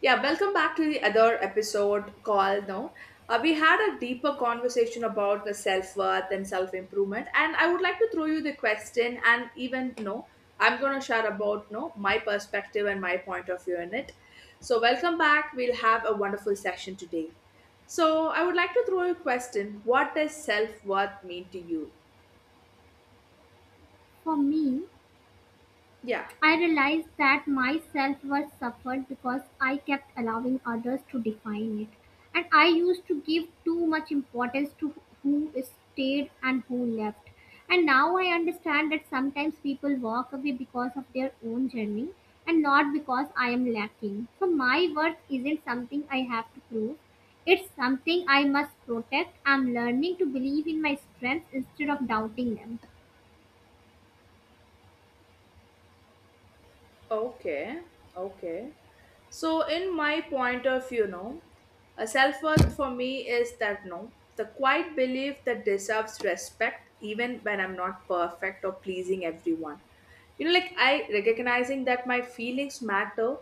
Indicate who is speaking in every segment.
Speaker 1: Yeah, welcome back to the other episode called No. We had a deeper conversation about the self worth and self improvement, and I would like to throw you the question and even no, I'm gonna share about no my perspective and my point of view in it. So welcome back. We'll have a wonderful session today. So I would like to throw you a question. What does self worth mean to you?
Speaker 2: For me,
Speaker 1: Yeah.
Speaker 2: I realized that my self worth suffered because I kept allowing others to define it. And I used to give too much importance to who stayed and who left. And now I understand that sometimes people walk away because of their own journey and not because I am lacking. So my worth isn't something I have to prove. It's something I must protect. I'm learning to believe in my strengths instead of doubting them.
Speaker 1: Okay. Okay. So, in my point of view, no, a self worth for me is that no, the quiet belief that deserves respect even when I'm not perfect or pleasing everyone. You know, like I recognizing that my feelings matter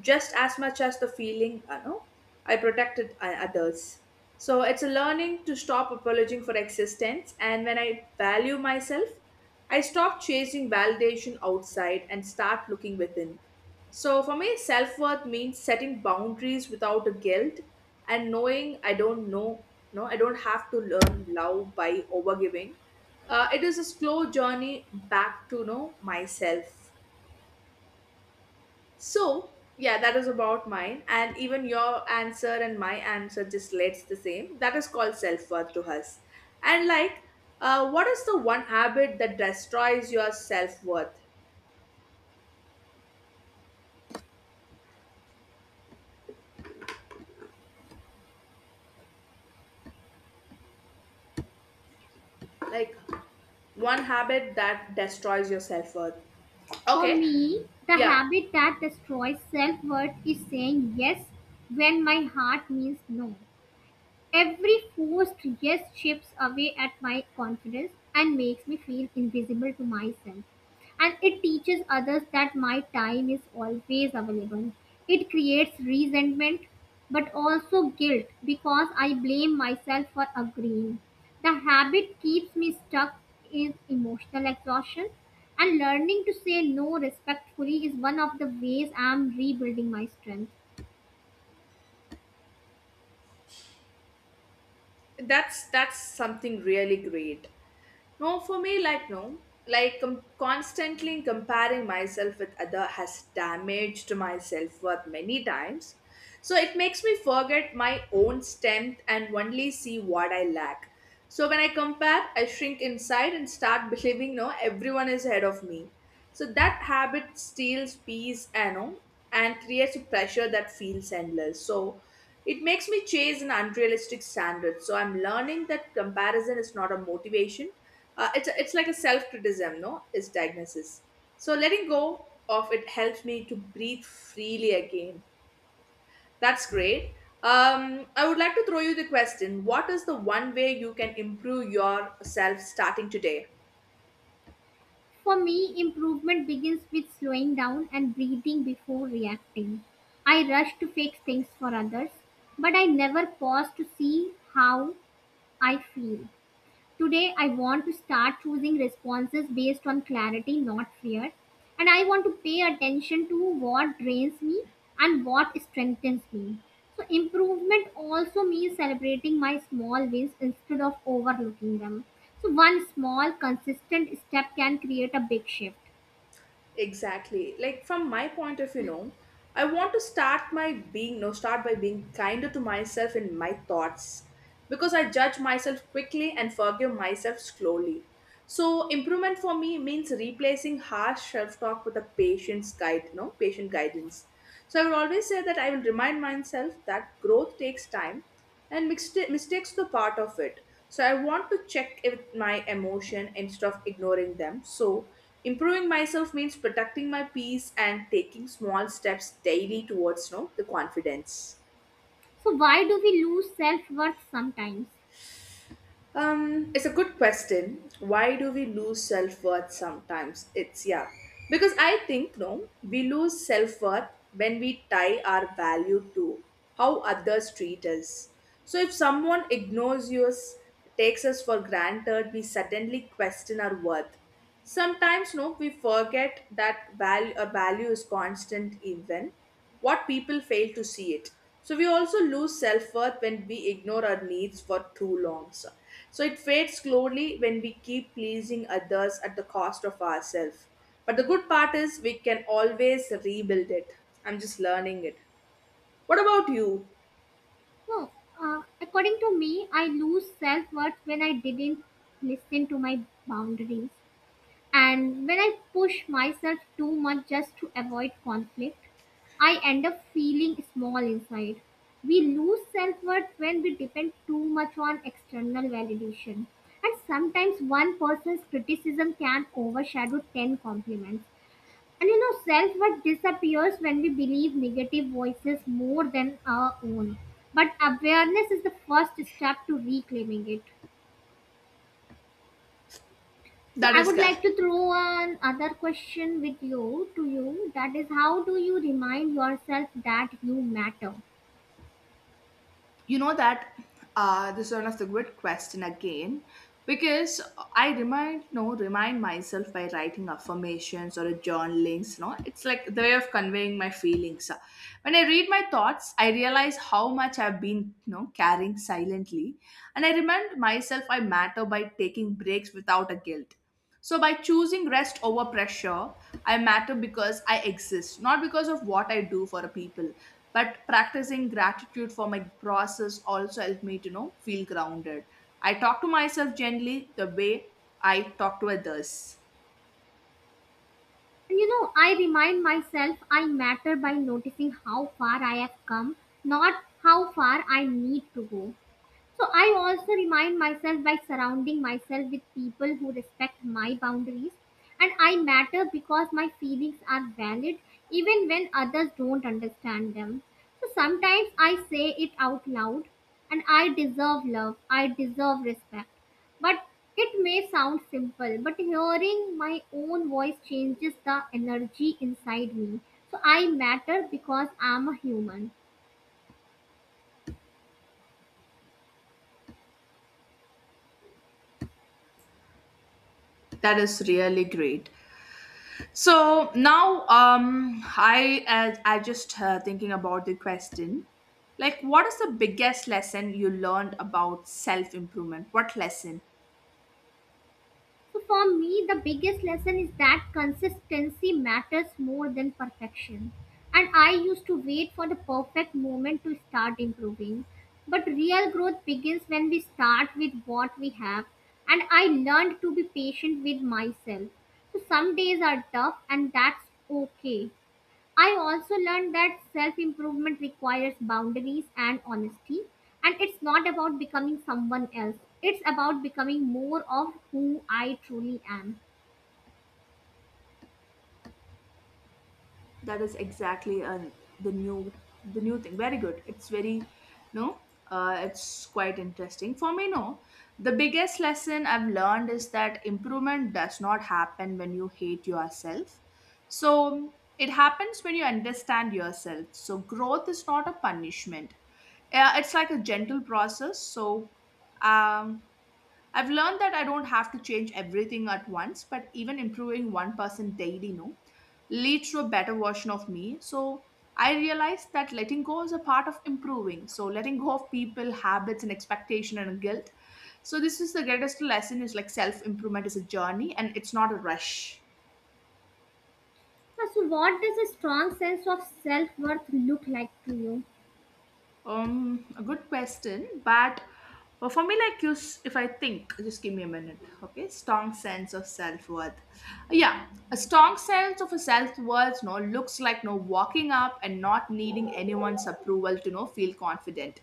Speaker 1: just as much as the feeling, I protected others. So, it's a learning to stop apologizing for existence, and when I value myself, I stop chasing validation outside and start looking within. So, for me, self worth means setting boundaries without a guilt, and knowing I don't know, no, I don't have to learn love by overgiving. It is a slow journey back to know myself. So, yeah, that is about mine. And even your answer and my answer just relates the same. That is called self worth to us. And, like, what is the one habit that destroys your self worth? Like, one habit that destroys your self worth.
Speaker 2: For
Speaker 1: Okay,
Speaker 2: me, the
Speaker 1: yeah,
Speaker 2: habit that destroys self worth is saying yes when my heart means no. Every forced yes chips away at my confidence and makes me feel invisible to myself. And it teaches others that my time is always available. It creates resentment but also guilt because I blame myself for agreeing. The habit keeps me stuck in emotional exhaustion, and learning to say no respectfully is one of the ways I am rebuilding my strength.
Speaker 1: that's something really great. No, for me, like, no. Like, constantly comparing myself with other has damaged my self worth many times. So, it makes me forget my own strength and only see what I lack. So, when I compare, I shrink inside and start believing, no, everyone is ahead of me. So, that habit steals peace, and creates a pressure that feels endless. So, it makes me chase an unrealistic standard. So, I'm learning that comparison is not a motivation. It's like a self criticism, no, is diagnosis. So letting go of it helps me to breathe freely again. That's great. I would like to throw you the question. What is the one way you can improve your self starting today?
Speaker 2: For me, improvement begins with slowing down and breathing before reacting. I rush to fix things for others, but I never pause to see how I feel. Today, I want to start choosing responses based on clarity, not fear. And I want to pay attention to what drains me and what strengthens me. So, improvement also means celebrating my small wins instead of overlooking them. So, one small, consistent step can create a big shift.
Speaker 1: Exactly. Like from my point of view, no, I want to start my being no start by being kinder to myself in my thoughts, because I judge myself quickly and forgive myself slowly. So improvement for me means replacing harsh self-talk with a patient's guide, no patient guidance. So I will always say that I will remind myself that growth takes time and mistakes the part of it. So I want to check with my emotion instead of ignoring them. So improving myself means protecting my peace and taking small steps daily towards the confidence.
Speaker 2: So, why do we lose self worth sometimes?
Speaker 1: It's a good question. Why do we lose self worth sometimes? It's yeah, because I think no, we lose self worth when we tie our value to how others treat us. So if someone ignores us, takes us for granted, we suddenly question our worth. Sometimes no, we forget that value. A value is constant even what people fail to see it. So we also lose self-worth when we ignore our needs for too long. So it fades slowly when we keep pleasing others at the cost of ourselves. But the good part is we can always rebuild it. I'm just learning it. What about you?
Speaker 2: No, According to me, I lose self worth when I didn't listen to my boundaries. And when I push myself too much just to avoid conflict, I end up feeling small inside. We lose self worth when we depend too much on external validation. And sometimes one person's criticism can overshadow 10 compliments. And you know, self worth disappears when we believe negative voices more than our own. But awareness is the first step to reclaiming it. So
Speaker 1: That
Speaker 2: I
Speaker 1: is
Speaker 2: would
Speaker 1: good.
Speaker 2: like to throw an other question with you to you, that is, how do you remind yourself that you matter?
Speaker 1: You know that this is one of the good question again, because I remind no remind myself by writing affirmations or a journalings. No, it's like the way of conveying my feelings. When I read my thoughts, I realize how much I've been carrying silently, and I remind myself I matter by taking breaks without a guilt. So by choosing rest over pressure, I matter because I exist, not because of what I do for a people, but practicing gratitude for my process also helped me to feel grounded. I talk to myself gently the way I talk to others.
Speaker 2: And you know, I remind myself I matter by noticing how far I have come, not how far I need to go. So I also remind myself by surrounding myself with people who respect my boundaries, and I matter because my feelings are valid even when others don't understand them. So sometimes I say it out loud, and I deserve love, I deserve respect. But it may sound simple, but hearing my own voice changes the energy inside me. So I matter because I'm a human.
Speaker 1: That is really great. So now, I just thinking about the question, like what is the biggest lesson you learned about self improvement? What lesson?
Speaker 2: So, for me, the biggest lesson is that consistency matters more than perfection. And I used to wait for the perfect moment to start improving. But real growth begins when we start with what we have. And I learned to be patient with myself. So, some days are tough, and that's okay. I also learned that self improvement requires boundaries and honesty. And it's not about becoming someone else, it's about becoming more of who I truly am.
Speaker 1: That is exactly the new thing. Very good. It's very no. It's quite interesting for me. No, the biggest lesson I've learned is that improvement does not happen when you hate yourself. So it happens when you understand yourself. So growth is not a punishment. It's like a gentle process. So um, I've learned that I don't have to change everything at once, but even improving 1% daily, no, leads to a better version of me. So I realized that letting go is a part of improving. So letting go of people, habits, and expectation and guilt. So this is the greatest lesson is like self improvement is a journey and it's not a rush.
Speaker 2: So, what does a strong sense of self worth look like to you?
Speaker 1: A good question, but for me, like you, if I think, just give me a minute, okay? Strong sense of self worth. Yeah, a strong sense of a self worth, no, looks like no walking up and not needing anyone's approval to no feel confident.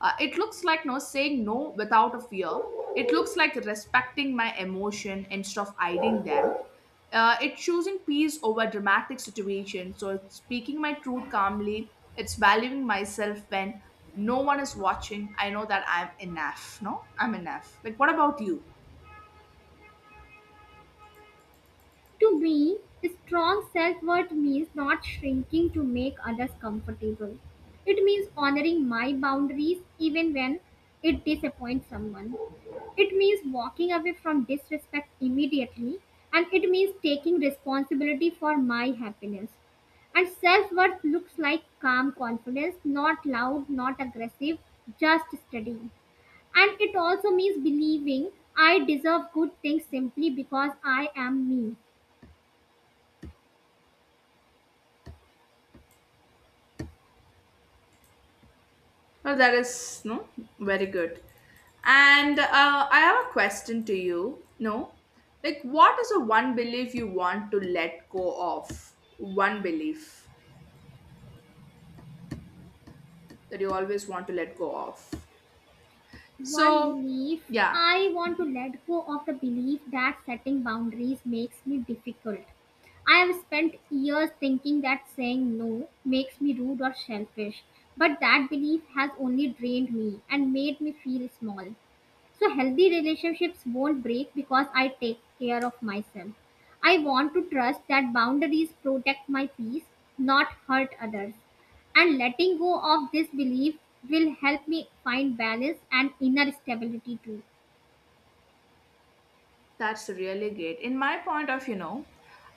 Speaker 1: It looks like no saying no without a fear. It looks like respecting my emotion instead of hiding them. It's choosing peace over dramatic situations. So it's speaking my truth calmly. It's valuing myself when no one is watching. I know that I'm enough. No, I'm enough. Like, what about you?
Speaker 2: To me, strong self worth means not shrinking to make others comfortable. It means honoring my boundaries even when it disappoints someone. It means walking away from disrespect immediately, and it means taking responsibility for my happiness. And self worth looks like calm confidence, not loud, not aggressive, just steady. And it also means believing I deserve good things simply because I am me.
Speaker 1: Well, that is no very good. And I have a question to you. No, like what is the one belief you want to let go of? One belief that you always want to let go of.
Speaker 2: One
Speaker 1: So,
Speaker 2: belief
Speaker 1: yeah.
Speaker 2: I want to let go of: the belief that setting boundaries makes me difficult. I have spent years thinking that saying no makes me rude or selfish, but that belief has only drained me and made me feel small. So healthy relationships won't break because I take care of myself. I want to trust that boundaries protect my peace, not hurt others. And letting go of this belief will help me find balance and inner stability too.
Speaker 1: That's really great. In my point of, you know,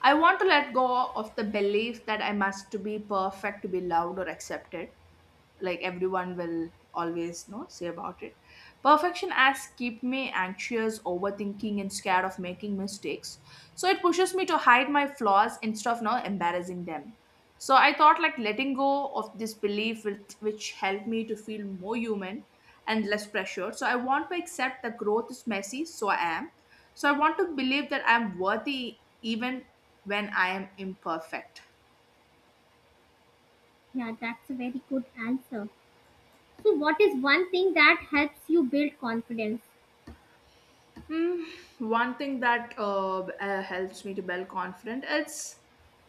Speaker 1: I want to let go of the belief that I must to be perfect to be loved or accepted. Like everyone will always know say about it. Perfection has kept me anxious, overthinking, and scared of making mistakes. So it pushes me to hide my flaws instead of now embarrassing them. So I thought like letting go of this belief will, which helped me to feel more human and less pressured. So I want to accept that growth is messy, so I want to believe that I'm worthy even when I am imperfect.
Speaker 2: Yeah, that's a very good answer. So what is one thing that helps you build confidence?
Speaker 1: Hmm, one thing that helps me to build confidence, it's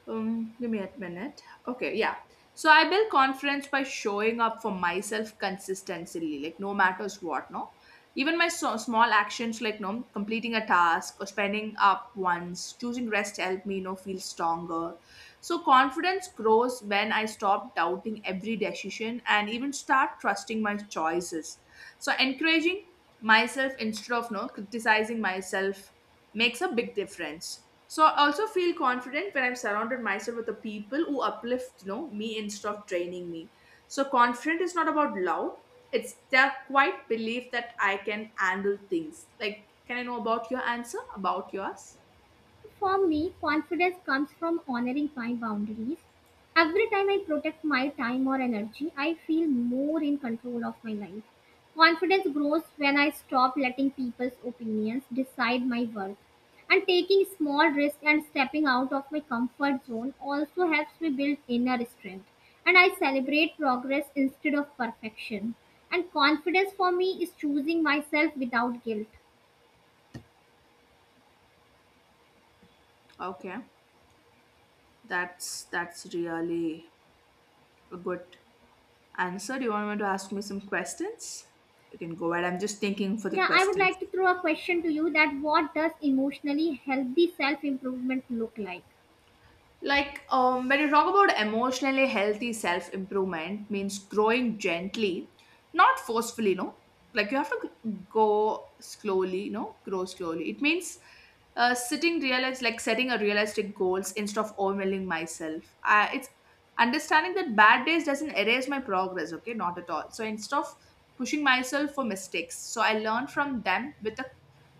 Speaker 1: give me a minute. Okay, yeah. So I build confidence by showing up for myself consistently, like no matters what, no. Even my small actions, like no completing a task or spending up once, choosing rest help me, feel stronger. So confidence grows when I stop doubting every decision and even start trusting my choices. So encouraging myself instead of no criticizing myself makes a big difference. So I also feel confident when I'm surrounded myself with the people who uplift me instead of draining me. So confident is not about loud. It's their quite belief that I can handle things. Like, can I know about your answer? About yours?
Speaker 2: For me, confidence comes from honoring my boundaries. Every time I protect my time or energy, I feel more in control of my life. Confidence grows when I stop letting people's opinions decide my worth. And taking small risks and stepping out of my comfort zone also helps me build inner strength. And I celebrate progress instead of perfection. And confidence for me is choosing myself without guilt.
Speaker 1: Okay. That's really a good answer. Do you want me to ask me some questions? You can go ahead. I'm just thinking for the
Speaker 2: Yeah, I would
Speaker 1: questions.
Speaker 2: like to throw a question to you, that what does emotionally healthy self improvement look like?
Speaker 1: Like when you talk about emotionally healthy self improvement, means growing gently, not forcefully. No, like you have to go slowly. No, grow slowly. It means sitting realize like setting a realistic goals instead of overwhelming myself. It's understanding that bad days doesn't erase my progress, okay, not at all. So instead of pushing myself for mistakes, so I learn from them with a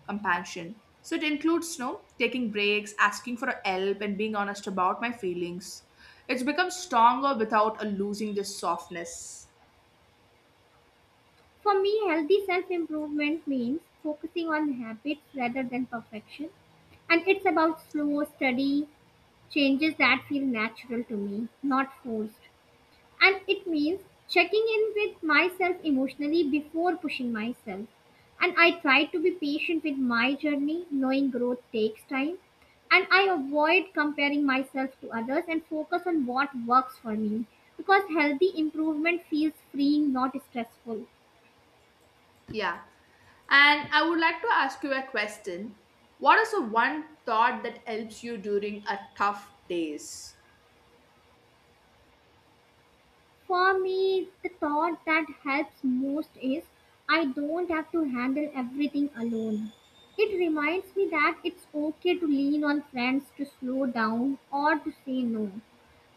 Speaker 1: compassion. So it includes taking breaks, asking for help, and being honest about my feelings. It's become stronger without a losing this softness.
Speaker 2: For me, healthy self improvement means focusing on habits rather than perfection. And it's about slow, steady changes that feel natural to me, not forced. And it means checking in with myself emotionally before pushing myself. And I try to be patient with my journey, knowing growth takes time. And I avoid comparing myself to others and focus on what works for me because healthy improvement feels freeing, not stressful.
Speaker 1: Yeah, and I would like to ask you a question. What is the one thought that helps you during a tough days?
Speaker 2: For me, the thought that helps most is, I don't have to handle everything alone. It reminds me that it's okay to lean on friends, to slow down, or to say no.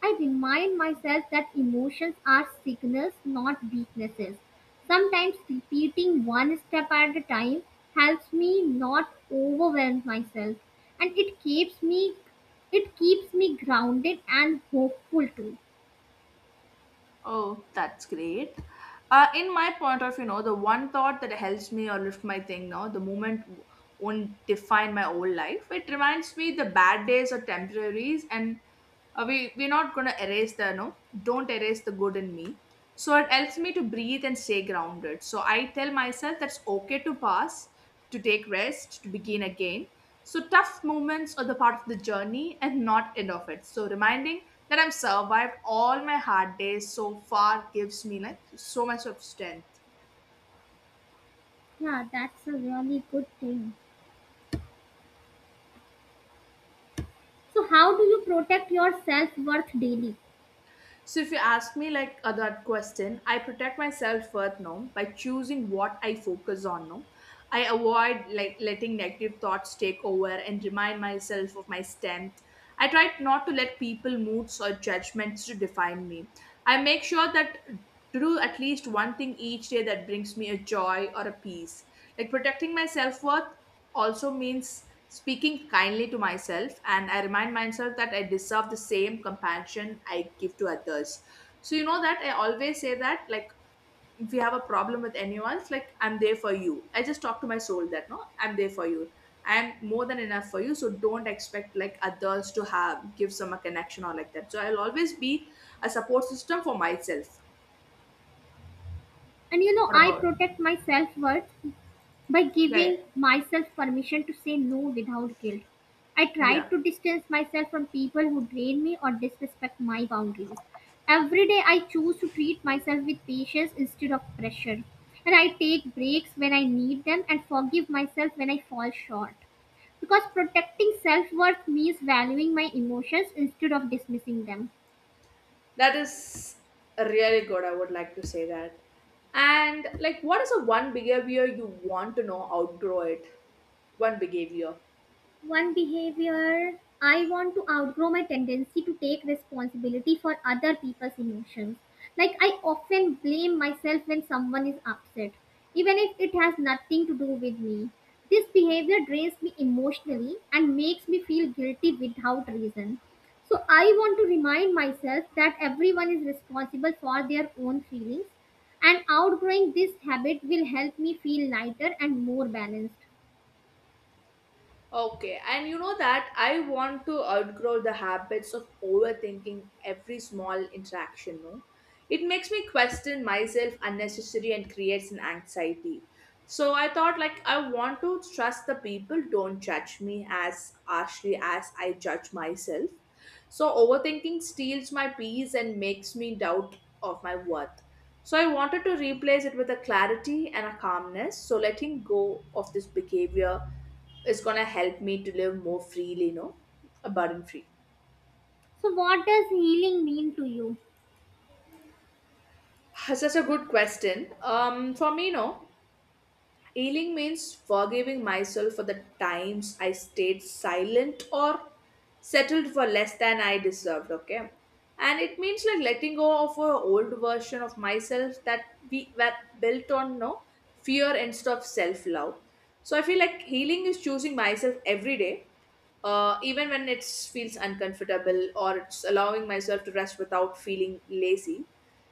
Speaker 2: I remind myself that emotions are signals, not weaknesses. Sometimes repeating one step at a time helps me not overwhelm myself, and it keeps me grounded and hopeful too.
Speaker 1: Oh, that's great. In my point of view, the one thought that helps me or lift my thing now, the moment won't define my whole life. It reminds me the bad days are temporaries, and we're not going to erase the, no, don't erase the good in me. So it helps me to breathe and stay grounded. So I tell myself that's okay to pass, to take rest, to begin again. So tough moments are the part of the journey and not end of it. So reminding that I've survived all my hard days so far gives me like so much of strength.
Speaker 2: Yeah, that's a really good thing. So, how do you protect your self worth daily?
Speaker 1: So if you ask me like that question, I protect my self-worth now by choosing what I focus on now. I avoid like letting negative thoughts take over and remind myself of my strength. I try not to let people moods or judgments to define me. I make sure that to do at least one thing each day that brings me a joy or a peace. Like protecting my self-worth also means speaking kindly to myself, and I remind myself that I deserve the same compassion I give to others. So you know that I always say that, like, if you have a problem with anyone, it's like I'm there for you. I just talk to my soul that no, I'm there for you. I'm more than enough for you, so don't expect like others to have give some a connection or like that. So I'll always be a support system for myself.
Speaker 2: And you know,
Speaker 1: What
Speaker 2: I
Speaker 1: about
Speaker 2: protect my self worth by
Speaker 1: yeah yeah,
Speaker 2: giving myself permission to say no without guilt. I try
Speaker 1: yeah.
Speaker 2: to distance myself from people who drain me or disrespect my boundaries. Every day, I choose to treat myself with patience instead of pressure. And I take breaks when I need them and forgive myself when I fall short. Because protecting self worth means valuing my emotions instead of dismissing them.
Speaker 1: That is really good. I would like to say that. And like, what is the one behavior you want to know outgrow it? One behavior.
Speaker 2: One behavior I want to outgrow: my tendency to take responsibility for other people's emotions. Like, I often blame myself when someone is upset, even if it has nothing to do with me. This behavior drains me emotionally and makes me feel guilty without reason. So, I want to remind myself that everyone is responsible for their own feelings, and outgrowing this habit will help me feel lighter and more balanced.
Speaker 1: Okay, and you know that I want to outgrow the habits of overthinking every small interaction, no? It makes me question myself unnecessary and creates an anxiety. So I thought like I want to trust the people don't judge me as harshly as I judge myself. So overthinking steals my peace and makes me doubt of my worth. So I wanted to replace it with a clarity and a calmness. So letting go of this behavior is gonna help me to live more freely, burden free.
Speaker 2: So, what does healing mean to you?
Speaker 1: Such a good question. For me, no. Healing means forgiving myself for the times I stayed silent or settled for less than I deserved, okay? And it means like letting go of an old version of myself that we were built on no fear instead of self love. So I feel like healing is choosing myself every day, even when it feels uncomfortable or it's allowing myself to rest without feeling lazy.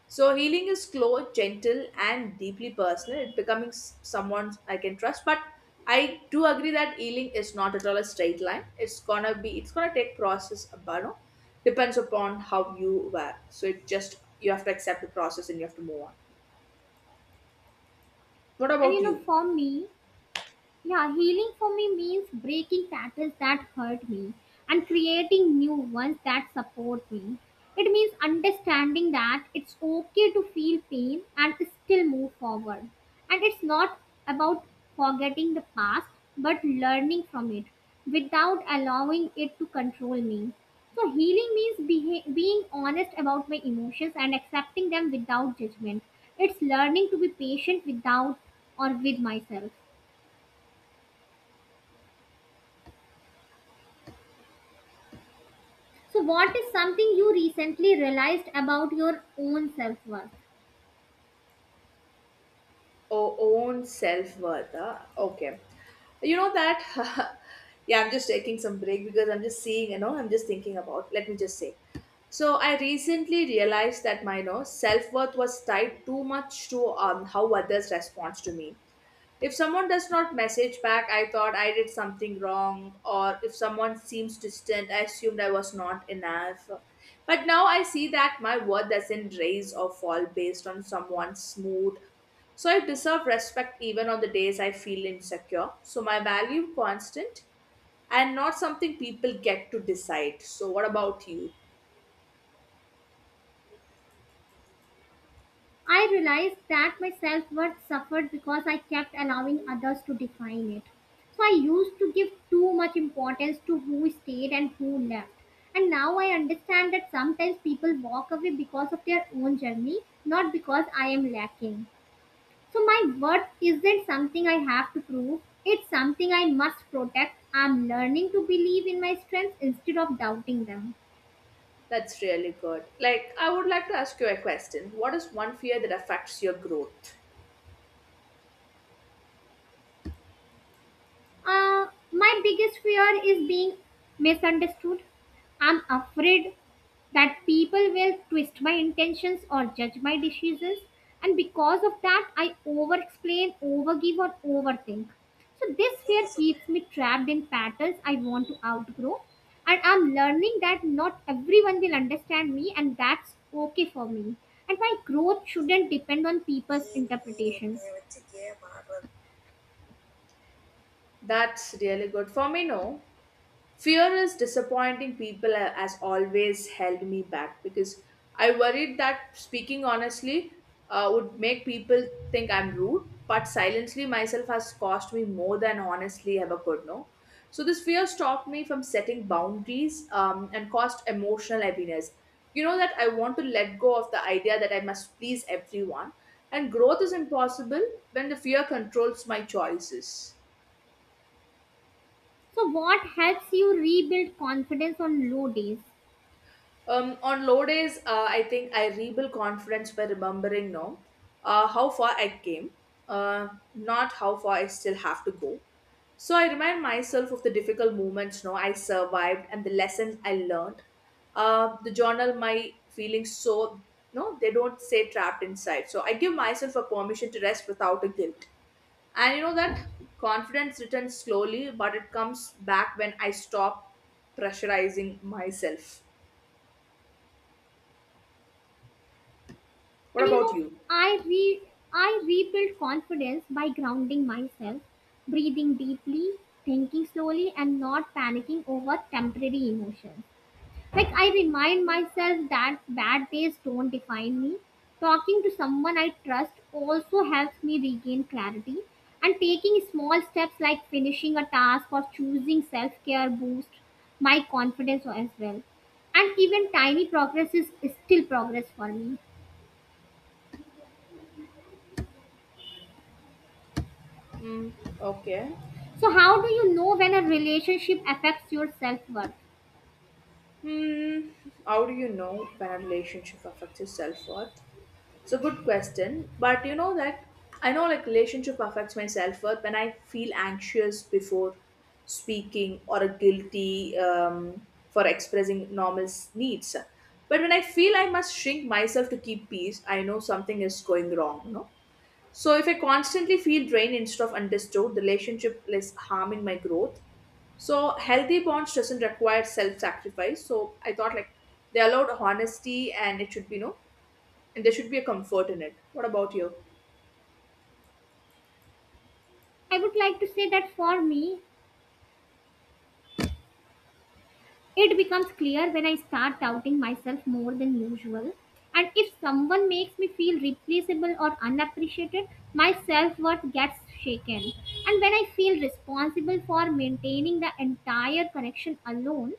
Speaker 1: So healing is slow, gentle, and deeply personal. It becoming someone I can trust. But I do agree that healing is not at all a straight line. It's gonna take process, but no, depends upon how you were. So it just you have to accept the process and you have to move on. What
Speaker 2: And you
Speaker 1: about
Speaker 2: know,
Speaker 1: you?
Speaker 2: for me, yeah, healing for me means breaking patterns that hurt me and creating new ones that support me. It means understanding that it's okay to feel pain and still move forward. And it's not about forgetting the past but learning from it without allowing it to control me. So, healing means being honest about my emotions and accepting them without judgment. It's learning to be patient without or with myself. So, what is something you recently realized about your own self worth?
Speaker 1: Own self worth. Okay. You know that. Yeah, I'm just taking some break because I'm just seeing, you know, I'm just thinking about. Let me just say. So I recently realized that my, you know, self worth was tied too much to how others respond to me. If someone does not message back, I thought I did something wrong, or if someone seems distant, I assumed I was not enough. But now I see that my worth doesn't rise or fall based on someone's mood. So I deserve respect even on the days I feel insecure. So my value constant and not something people get to decide. So what about you?
Speaker 2: I realized that my self worth suffered because I kept allowing others to define it. So, I used to give too much importance to who stayed and who left. And now I understand that sometimes people walk away because of their own journey, not because I am lacking. So, my worth isn't something I have to prove, it's something I must protect. I'm learning to believe in my strengths instead of doubting them.
Speaker 1: That's really good. Like I would like to ask you a question. What is one fear that affects your growth?
Speaker 2: My biggest fear is being misunderstood. I'm afraid that people will twist my intentions or judge my decisions, and because of that, I over explain, overgive, or overthink. So, this fear keeps me trapped in patterns I want to outgrow, and I'm learning that not everyone will understand me, and that's okay for me. And my growth shouldn't depend on people's interpretations.
Speaker 1: That's really good. For me, no. Fear is disappointing people has always held me back because I worried that speaking honestly would make people think I'm rude, but silently myself has cost me more than honestly ever could know. So this fear stopped me from setting boundaries and caused emotional heaviness. You know that I want to let go of the idea that I must please everyone, and growth is impossible when the fear controls my choices.
Speaker 2: So what helps you rebuild confidence on low days?
Speaker 1: On low days, I think I rebuild confidence by remembering no, how far I came, uh, not how far I still have to go. So I remind myself of the difficult moments no I survived and the lessons I learned. The journal my feelings so no they don't say trapped inside. So I give myself a permission to rest without a guilt. And you know that confidence returns slowly, but it comes back when I stop pressurizing myself. What
Speaker 2: And you
Speaker 1: about
Speaker 2: know,
Speaker 1: you?
Speaker 2: I re I rebuild confidence by grounding myself, breathing deeply, thinking slowly, and not panicking over temporary emotions. Like I remind myself that bad days don't define me. Talking to someone I trust also helps me regain clarity. And taking small steps like finishing a task or choosing self care boost my confidence as well. And even tiny progress is still progress for me.
Speaker 1: Mm, okay.
Speaker 2: So, how do you know when a relationship affects your self worth?
Speaker 1: Hmm. How do you know when a relationship affects your self worth? It's a good question, but you know that I know like relationship affects my self worth when I feel anxious before speaking or guilty for expressing normal needs. But when I feel I must shrink myself to keep peace, I know something is going wrong. No. So if I constantly feel drained instead of understood, the relationship is harming my growth. So healthy bonds doesn't require self-sacrifice. So I thought like they allowed honesty and it should be no and there should be a comfort in it. What about you?
Speaker 2: I would like to say that for me, it becomes clear when I start doubting myself more than usual. And if someone makes me feel replaceable or unappreciated, my self worth gets shaken. And when I feel responsible for maintaining the entire connection alone,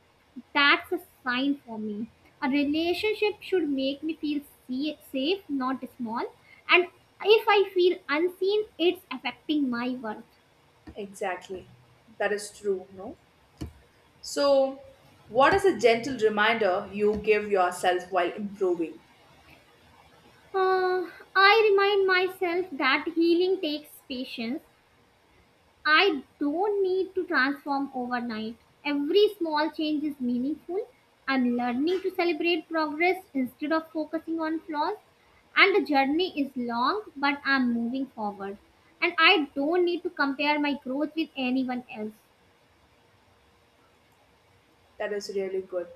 Speaker 2: that's a sign for me. A relationship should make me feel safe, not small. And if I feel unseen, it's affecting my worth.
Speaker 1: Exactly. That is true, no? So what is a gentle reminder you give yourself while improving?
Speaker 2: Uh, I remind myself that healing takes patience. I don't need to transform overnight. Every small change is meaningful. I'm learning to celebrate progress instead of focusing on flaws. And the journey is long, but I'm moving forward. And I don't need to compare my growth with anyone else.
Speaker 1: That is really good.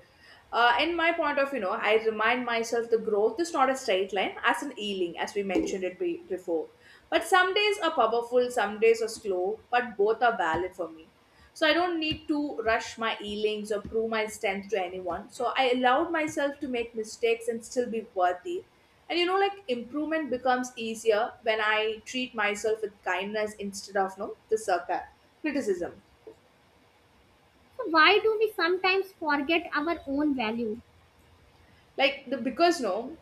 Speaker 1: In my point of, you know, I remind myself the growth is not a straight line, as in healing, as we mentioned it before. But some days are powerful, some days are slow, but both are valid for me. So I don't need to rush my healings or prove my strength to anyone. So I allowed myself to make mistakes and still be worthy. And you know, like improvement becomes easier when I treat myself with kindness instead of no the circa criticism.
Speaker 2: So, why do we sometimes forget our own value?
Speaker 1: Like the because no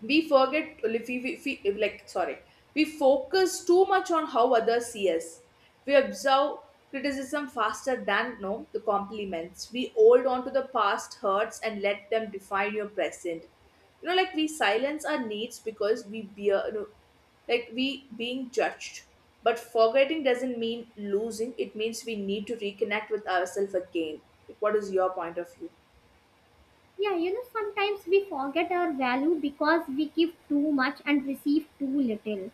Speaker 1: we forget if we if like sorry we focus too much on how others see us. We observe criticism faster than no the compliments. We hold on to the past hurts and let them define your present. You know, like we silence our needs because we bear, you know, like we being judged. But forgetting doesn't mean losing. It means we need to reconnect with ourselves again. Like, what is your point of view?
Speaker 2: Yeah, you know, sometimes we forget our value because we give too much and receive too little.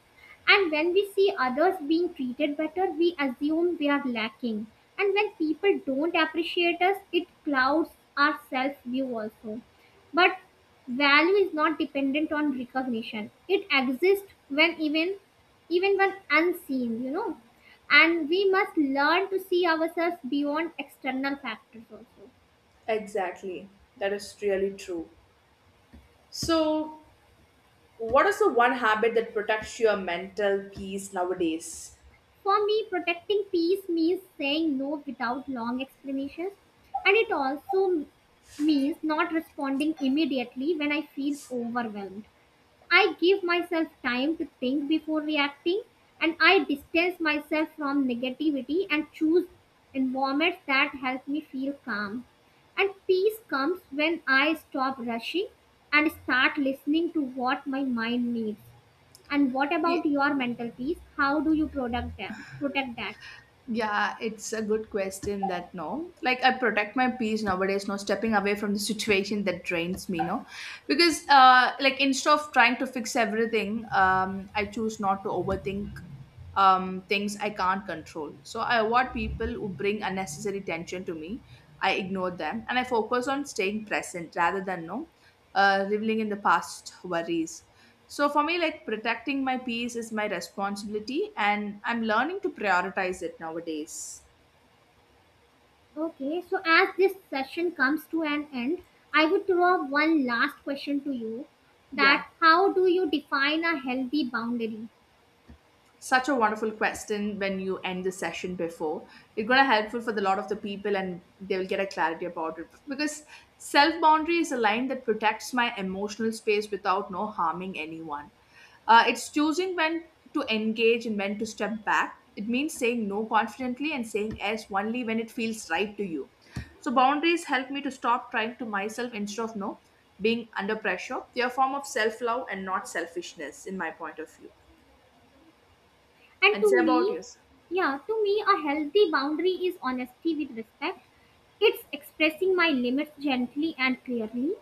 Speaker 2: And when we see others being treated better, we assume we are lacking. And when people don't appreciate us, it clouds our self view also. But value is not dependent on recognition. It exists when even when unseen, you know. And we must learn to see ourselves beyond external factors also.
Speaker 1: Exactly. That is really true. So what is the one habit that protects your mental peace nowadays?
Speaker 2: For me, protecting peace means saying no without long explanations, and it also means not responding immediately when I feel overwhelmed. I give myself time to think before reacting, and I distance myself from negativity and choose environments that help me feel calm. And peace comes when I stop rushing and start listening to what my mind needs. And what about
Speaker 1: Y-
Speaker 2: your mental peace? How do you protect that?
Speaker 1: Yeah, it's a good question that no. Like I protect my peace nowadays, no stepping away from the situation that drains me, no. Because like instead of trying to fix everything, I choose not to overthink things I can't control. So I avoid people who bring unnecessary tension to me. I ignore them and I focus on staying present rather than no. Uh, reveling in the past worries. So for me, like protecting my peace is my responsibility, and I'm learning to prioritize it nowadays.
Speaker 2: Okay, so as this session comes to an end, I would throw up one last question to you,
Speaker 1: Yeah.
Speaker 2: that how do you define a healthy boundary?
Speaker 1: Such a wonderful question when you end the session before. It's going to helpful for the lot of the people and they will get a clarity about it. Because self boundary is a line that protects my emotional space without no harming anyone. It's choosing when to engage and when to step back. It means saying no confidently and saying yes only when it feels right to you. So boundaries help me to stop trying to myself instead of no being under pressure. They're a form of self love and not selfishness, in my point of view.
Speaker 2: And
Speaker 1: And say
Speaker 2: to
Speaker 1: about
Speaker 2: me,
Speaker 1: yours.
Speaker 2: yeah, to me, a healthy boundary is honesty with respect. It's expressing my limits gently and clearly.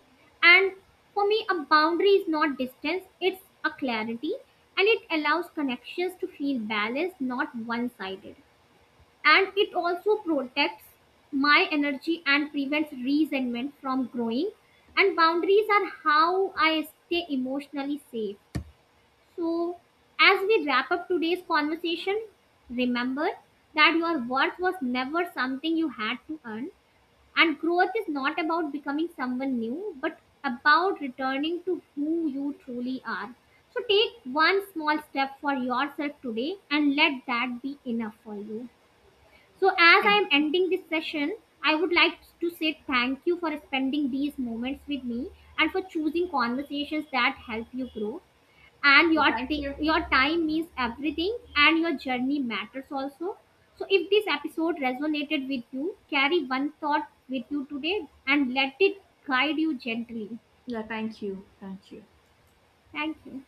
Speaker 2: And for me, a boundary is not distance, it's a clarity. And it allows connections to feel balanced, not one sided. And it also protects my energy and prevents resentment from growing. And boundaries are how I stay emotionally safe. So, as we wrap up today's conversation, remember that your worth was never something you had to earn, and growth is not about becoming someone new, but about returning to who you truly are. So, take one small step for yourself today and let that be enough for you. So, as I am
Speaker 1: Ex-
Speaker 2: ending this session, I would like to say thank you for spending these moments with me and for choosing conversations that help you grow, and
Speaker 1: So
Speaker 2: your
Speaker 1: thank you.
Speaker 2: your time means everything, and your journey matters also. So if this episode resonated with you, carry one thought with you today and let it guide you gently.
Speaker 1: Yeah, thank you. Thank you.
Speaker 2: Thank you.